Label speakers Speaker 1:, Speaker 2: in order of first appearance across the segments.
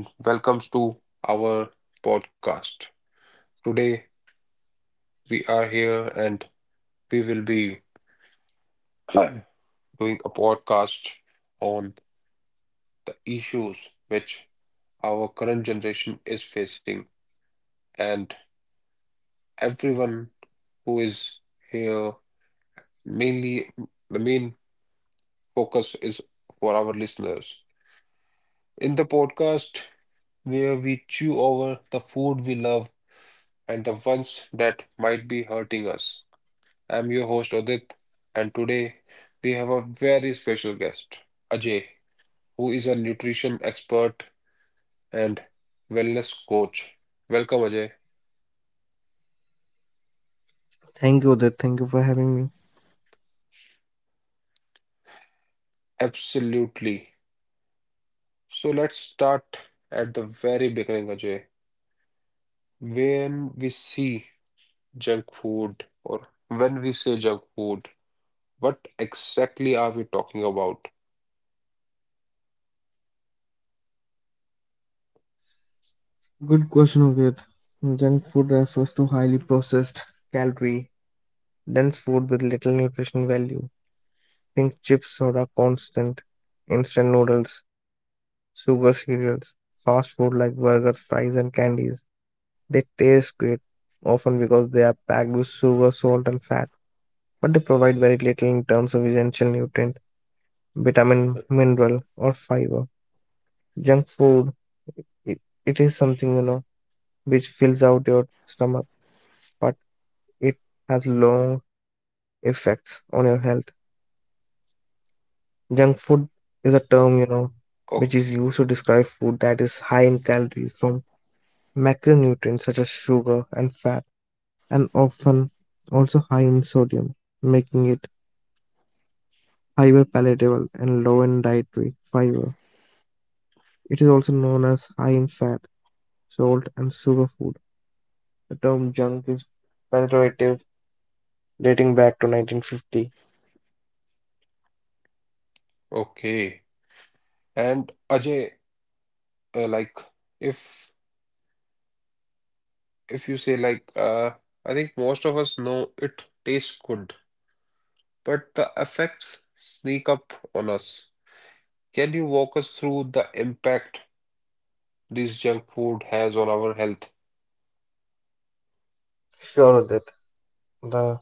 Speaker 1: and welcome to our podcast. Today, we are here and we will be. Hi. Doing a podcast on the issues which our current generation is facing, and everyone who is here mainly the main focus is for our listeners. In the podcast, where we chew over the food we love and the ones that might be hurting us. I'm your host Odit, and today we have a very special guest, Ajay, who is a nutrition expert and wellness coach. Welcome, Ajay.
Speaker 2: Thank you, Udit. Thank you for having me.
Speaker 1: Absolutely. So let's start at the very beginning, Ajay. When we see junk food, or when we say junk food, what exactly are we talking about?
Speaker 2: Good question, Udit. Junk food refers to highly processed, calorie dense food with little nutrition value. Think chips, soda, constant, instant noodles, sugar cereals, fast food like burgers, fries, and candies. They taste great, often because they are packed with sugar, salt, and fat, but they provide very little in terms of essential nutrient, vitamin, mineral, or fiber. Junk food, it, it is something. Which fills out your stomach, but it has long effects on your health. Junk food is a
Speaker 1: Oh,
Speaker 2: term, which is used to describe food that is high in calories from macronutrients such as sugar and fat, and often also high in sodium, making it hyper palatable and low in dietary fiber. It is also known as high in fat, salt, and sugar food. The term junk is pejorative, dating back to 1950.
Speaker 1: okay. And Ajay, like, if if you say like I think most of us know it tastes good, but the effects sneak up on us. Can you walk us through the impact this junk food has on our health?
Speaker 2: Sure, Udit. The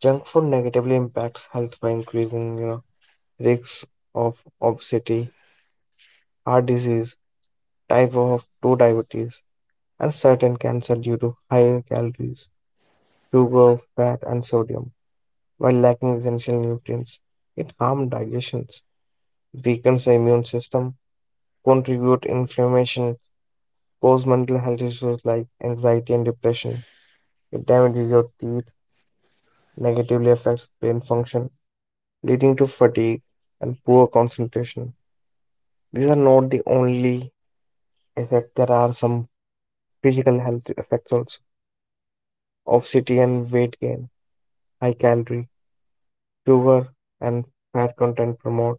Speaker 2: Junk food negatively impacts health by increasing risks of obesity, heart disease, type of 2 diabetes, and certain cancer due to high calories, sugar, fat, and sodium, while lacking essential nutrients. It harms digestions, weakens the immune system, contribute inflammation, cause mental health issues like anxiety and depression. It damages your teeth, negatively affects brain function, leading to fatigue and poor concentration. These are not the only effect. There are some physical health effects also. Obesity and weight gain, high calorie, sugar, and fat content promote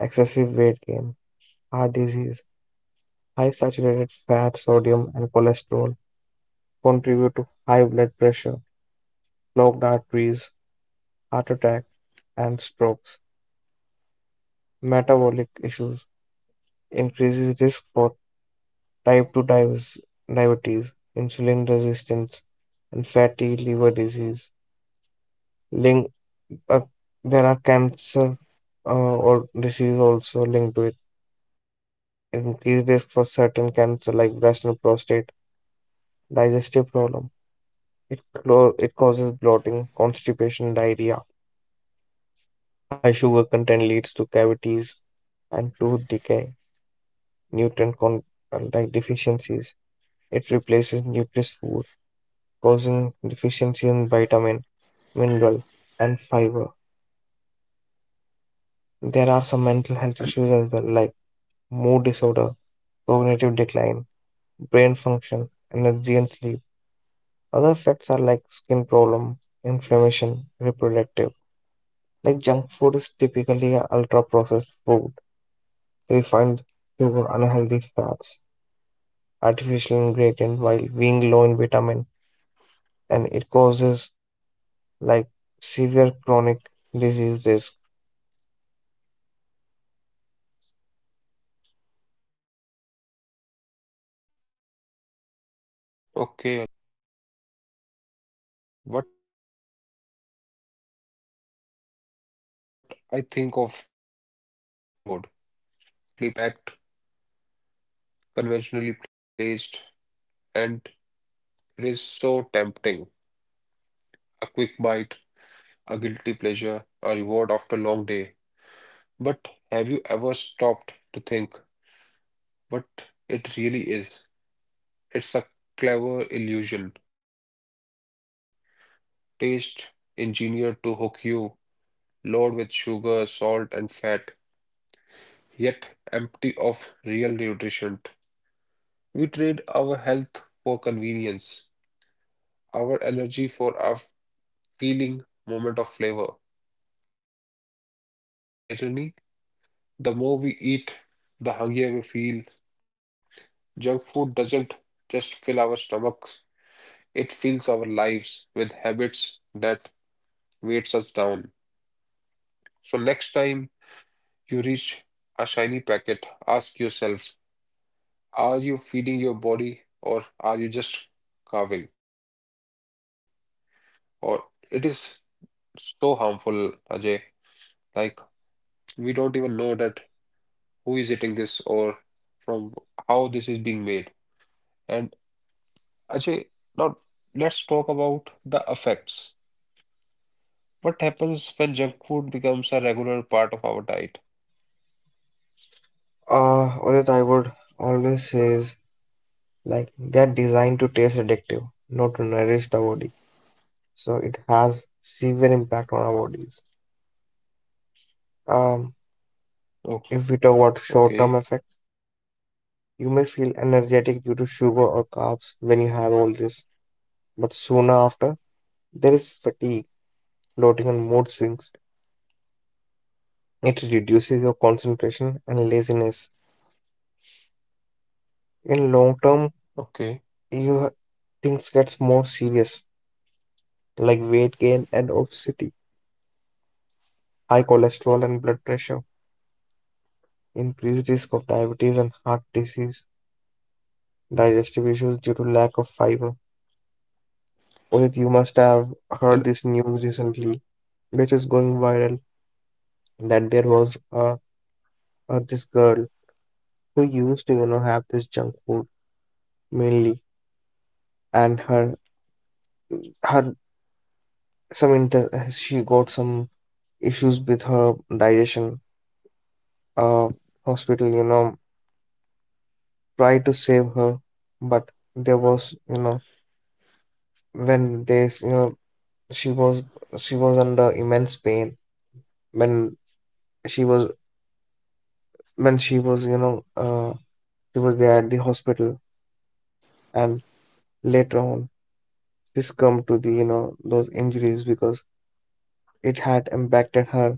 Speaker 2: excessive weight gain, heart disease, high saturated fat, sodium, and cholesterol contribute to high blood pressure, clogged arteries, heart attack, and strokes. Metabolic issues increases risk for type 2 diabetes, diabetes, insulin resistance, and fatty liver disease. Link, uh, there are cancer uh, or disease also linked to it. Increased risk for certain cancer like breast and prostate, digestive problem. It causes bloating, constipation, diarrhea. High sugar content leads to cavities and tooth decay. Nutrient deficiencies. It replaces nutritious food, causing deficiency in vitamin, mineral, and fiber. There are some mental health issues as well, like
Speaker 1: And
Speaker 2: mood disorder, cognitive decline, brain function, energy and sleep. Other effects are like skin problem, inflammation, reproductive. Like junk food is typically ultra processed food, refined sugar, unhealthy fats, artificial ingredient while being low in vitamin and it causes like severe chronic disease risk.
Speaker 1: okay, Ajay. And you know, Ajay, if I talk about myself, what I think of junk food. So junk food, it's everywhere. It's brightly packed, conventionally placed, and it is so tempting. A quick bite, a guilty pleasure, a reward after a long day. But have you ever stopped to think what it really is? It's a clever illusion, taste engineered to hook you, loaded with sugar, salt, and fat, yet empty of real nutrition. We trade our health for convenience, our energy for a feeling moment of flavor. And the irony, the more we eat, the hungrier we feel. Junk food doesn't just fill our stomachs, it fills our lives with habits that weights us down. So next time you reach a shiny packet, ask yourself, are you feeding your body or are you just carving? Or it is so harmful, Ajay. Like we don't even know that who is eating this or from how this is being made. And Ajay, now let's talk about the effects. What happens when junk food becomes a regular part of our diet?
Speaker 2: Udit, I would always say is like they're designed to taste addictive, not to nourish the body. So it has severe impact on our bodies. Um,
Speaker 1: Oh,
Speaker 2: if we talk about short-term
Speaker 1: okay,
Speaker 2: effects, you may feel energetic due to sugar or carbs when you have all this, but sooner after there is fatigue, bloating, and mood swings. It reduces your concentration and laziness. In long term,
Speaker 1: okay,
Speaker 2: you things gets more serious like weight gain and obesity, high cholesterol and blood pressure, increased risk of diabetes and heart disease, digestive issues due to lack of fiber. Udit, you must have heard
Speaker 1: and
Speaker 2: this news recently, which is going viral, that there was a this girl who used to have this junk food mainly, and her her some inter she got some issues with her digestion. Uh, Hospital, tried to save her, but there was, when they, s- you know, she was she was under immense pain when she was she was, she was there at the hospital, and later on she succumbed to the, those injuries because it had impacted her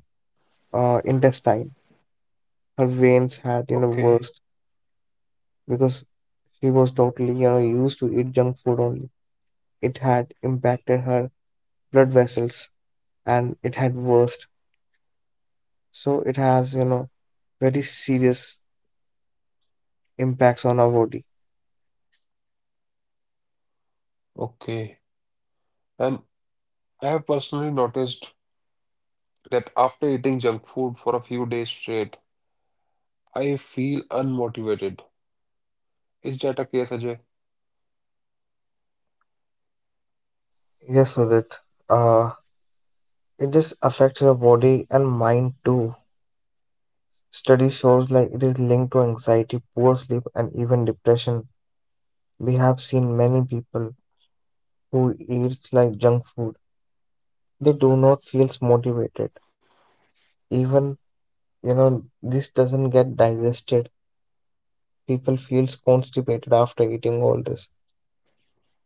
Speaker 2: intestine. Her veins had,
Speaker 1: okay,
Speaker 2: burst because she was totally, used to eat junk food only. It had impacted her blood vessels and it had worsened. So it has, very serious impacts on our body.
Speaker 1: okay. And I have personally noticed that after eating junk food for a few days straight, I feel unmotivated. Is that a case, Ajay?
Speaker 2: Yes, Udit. Uh, it just affects your body and mind too. Study shows like it is linked to anxiety, poor sleep, and even depression. We have seen many people who eats like junk food. They do not feels motivated. Even, this doesn't get digested. People feels constipated after eating all this.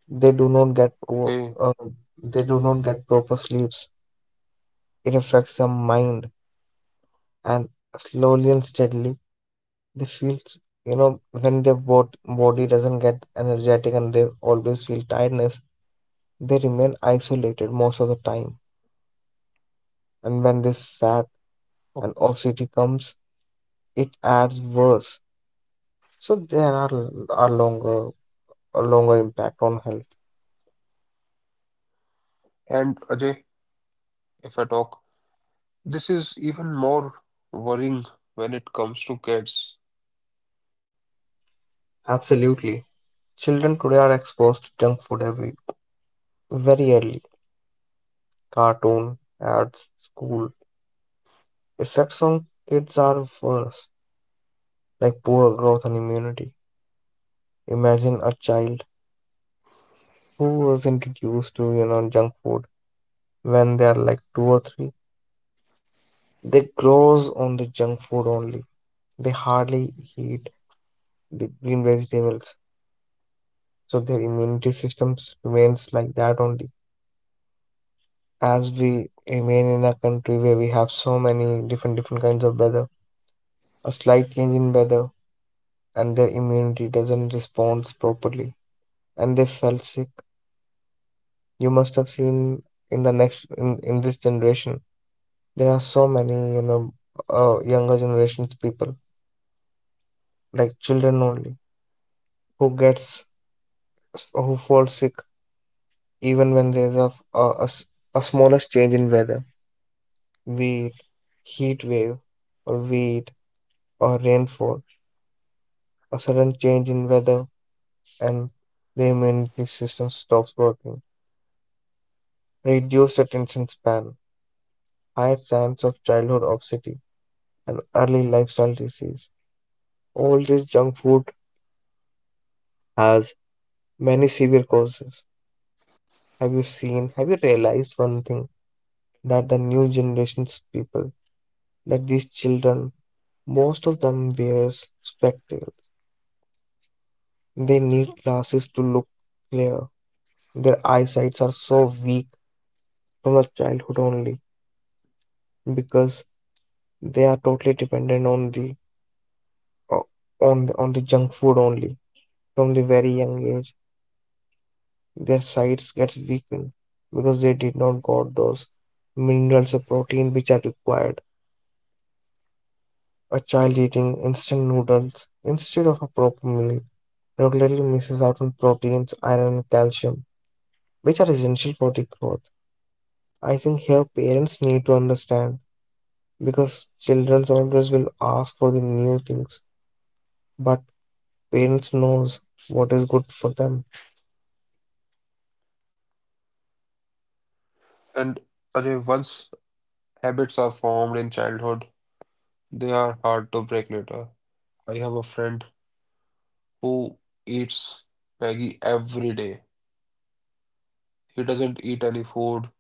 Speaker 2: They do not get poor,
Speaker 1: Okay.
Speaker 2: uh, they do not get proper sleep. It affects their mind and slowly and steadily they feel you know when body doesn't get energetic and they always feel tiredness. They remain isolated most of the time, and when this fat
Speaker 1: Oh,
Speaker 2: and obesity comes, it adds worse. So there are, are longer a longer impact on health.
Speaker 1: and Ajay, if I talk, this is even more worrying when it comes to kids.
Speaker 2: Absolutely, children today are exposed to junk food every very early, cartoon ads, school. Effects on kids are worse, like poor growth and immunity. Imagine a child who was introduced to junk food when they are like two or three. They grows on the junk food only. They hardly eat the green vegetables, so their immunity systems remains like that only. As we remain in a country where we have so many different different kinds of weather, a slight change in weather and their immunity doesn't respond properly, and they fell sick. You must have seen in this generation there are so many, younger generations people like children only who gets who fall sick even when there's a, a s- a smallest change in weather, be it heat wave or be it or rainfall, a sudden change in weather and the immunity system stops working. Reduced attention span, higher chance of childhood obesity and early lifestyle disease. All this junk food has many severe causes. Have you realized one thing that the new generations people, that these children, most of them wears spectacles. They need glasses to look clear. Their eyesights are so weak from the childhood only because they are totally dependent on the o- on the junk food only. From the very young age, their sights gets weakened because they did not got those minerals or protein which are required. A child
Speaker 1: Okay.
Speaker 2: eating instant noodles instead of a proper meal regularly misses out on proteins, iron, and calcium, which are essential for the growth. I think here parents need to understand because children always will ask for the new things, but parents knows what is good for them.
Speaker 1: And Ajay, once habits are formed in childhood, they are hard to break later. I have a friend who eats Maggie every day. He doesn't eat any food.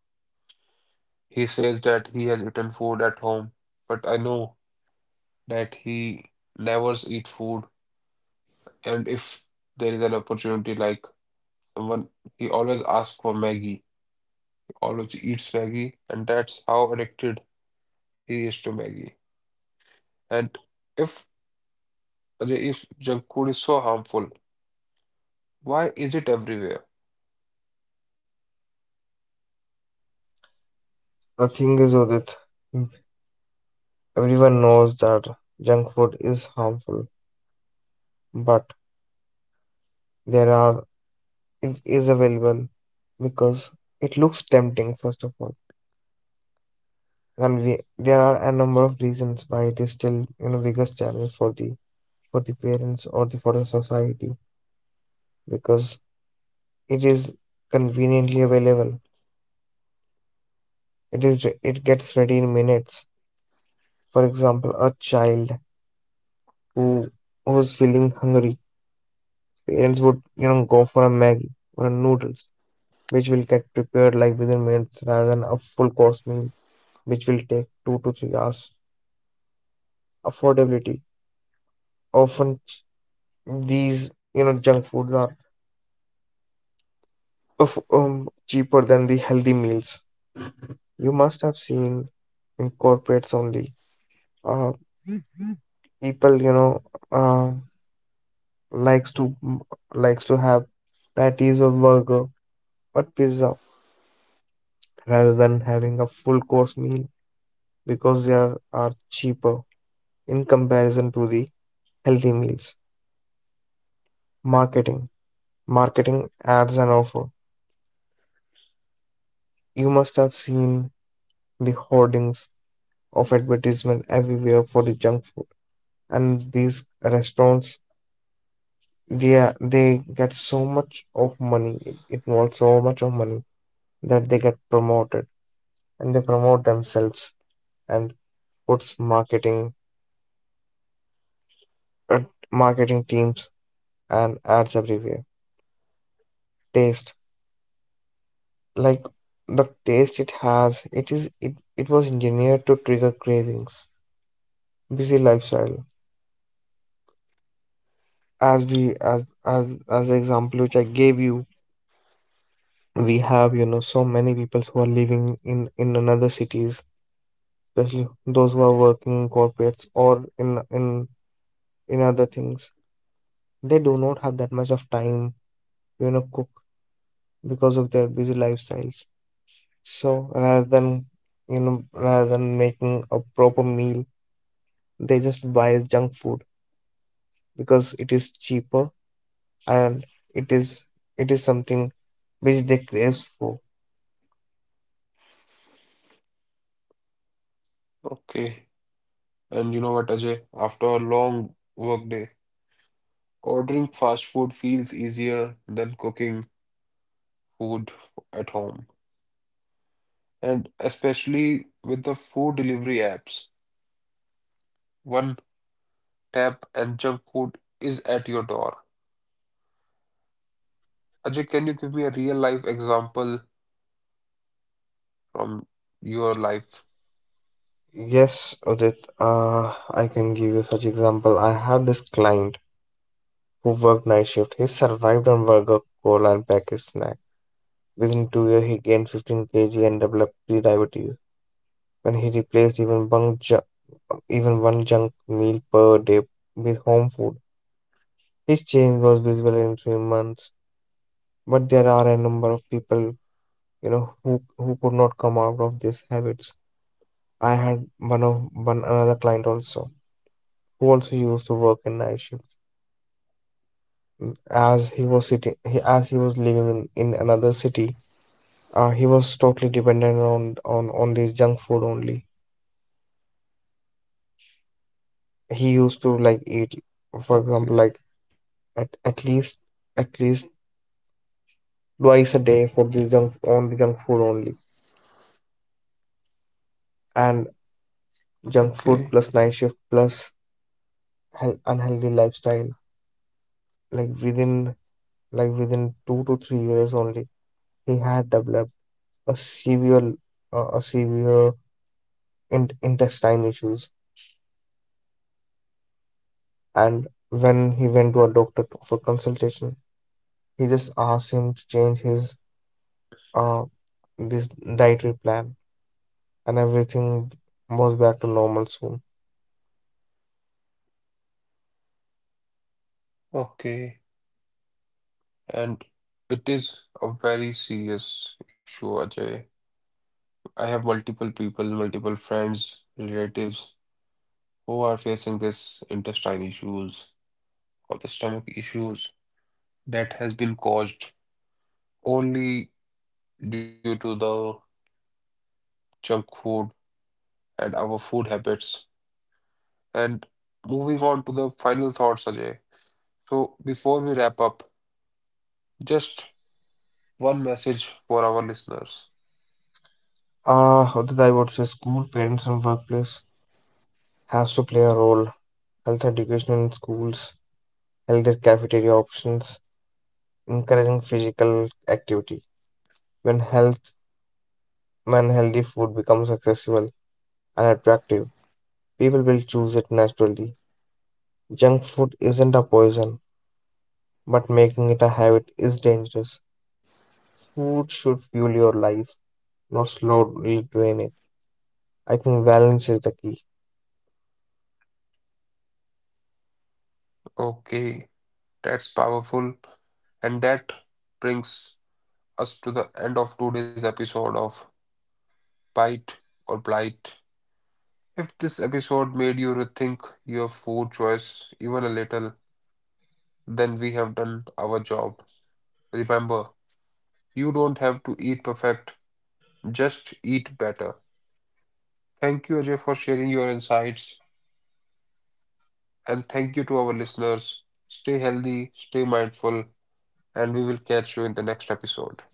Speaker 1: He says that he has eaten food at home, but I know that he never eat food. And if there is an opportunity, like someone, he always asks for Maggie. He always eats Maggie, and that's how addicted he is to Maggie. And if if junk food is so harmful, why is it everywhere?
Speaker 2: The thing is, Udit, everyone knows that junk food is harmful, but there are it is available because it looks tempting first of all. Well, there are a number of reasons why it is still, biggest challenge for the parents or the for the society because it is conveniently available. It gets ready in minutes. For example, a child who who's feeling hungry, parents would, go for a Maggie or a noodles, which will get prepared like within minutes rather than a full course meal, which will take 2 to 3 hours. Affordability. Often ch- these, junk foods are of cheaper than the healthy meals. You must have seen in corporates only. Uh, People, uh, likes to likes to have patties or burger, but pizza rather than having a full course meal because they are cheaper in comparison to the healthy meals. Marketing, marketing ads and offer. You must have seen the hoardings of advertisement everywhere for the junk food, and these restaurants, they they get so much of money, it involves so much of money, that they get promoted and they promote themselves and puts marketing uh, marketing teams and ads everywhere. Taste, like, the taste it has, it was engineered to trigger cravings. Busy lifestyle, as we as the example which I gave you, we have so many people who are living in another cities, especially those who are working in corporates or in other things. They do not have that much of time to, cook because of their busy lifestyles. So rather than making a proper meal, they just buy junk food because it is cheaper, and it is it is something which they crave for.
Speaker 1: Okay. And you know what, Ajay? After a long workday, ordering fast food feels easier than cooking food at home. And especially with the food delivery apps, one tap and junk food is at your door. Ajay, can you give me a real life example from your life?
Speaker 2: Yes, Udit, I can give you such example. I had this client who worked night shift. He survived on burger, cola, and packaged snack. Within 2 years, he gained 15 kg and developed pre-diabetes. When he replaced even one junk meal per day with home food, his change was visible in 3 months. But there are a number of people, who could not come out of these habits. I had one another client also who also used to work in night shifts. As he was sitting, as he was living in another city, he was totally dependent on this junk food only. He used to like eat, for example, like
Speaker 1: Okay,
Speaker 2: at, least twice a day for the junk only junk food only. And junk food
Speaker 1: okay,
Speaker 2: plus night shift plus unhealthy lifestyle, like within 2 to 3 years only, he had developed a severe uh, a severe intestine issues, and when he went to a doctor for consultation, he just asked him to change his uh this dietary plan, and everything was back to normal soon.
Speaker 1: okay. And it is a very serious issue, Ajay. I have multiple people, multiple friends, relatives who are facing this intestine issues or the stomach issues that has been caused only due to the junk food and our food habits. And moving on to the final thoughts, Ajay. So before we wrap up, just one message for our listeners.
Speaker 2: I would say school, parents, and workplace has to play a role. Health education in schools, healthier cafeteria options, encouraging physical activity. When health, when healthy food becomes accessible and attractive, people will choose it naturally. Junk food isn't a poison, but making it a habit is dangerous. Food should fuel your life, not slowly drain it. I think balance is the key.
Speaker 1: Okay, that's powerful. And that brings us to the end of today's episode of Bite or Blight. If this episode made you rethink your food choice even a little, then we have done our job. Remember, you don't have to eat perfect, just eat better. Thank you, Ajay, for sharing your insights. And thank you to our listeners. Stay healthy, stay mindful, and we will catch you in the next episode.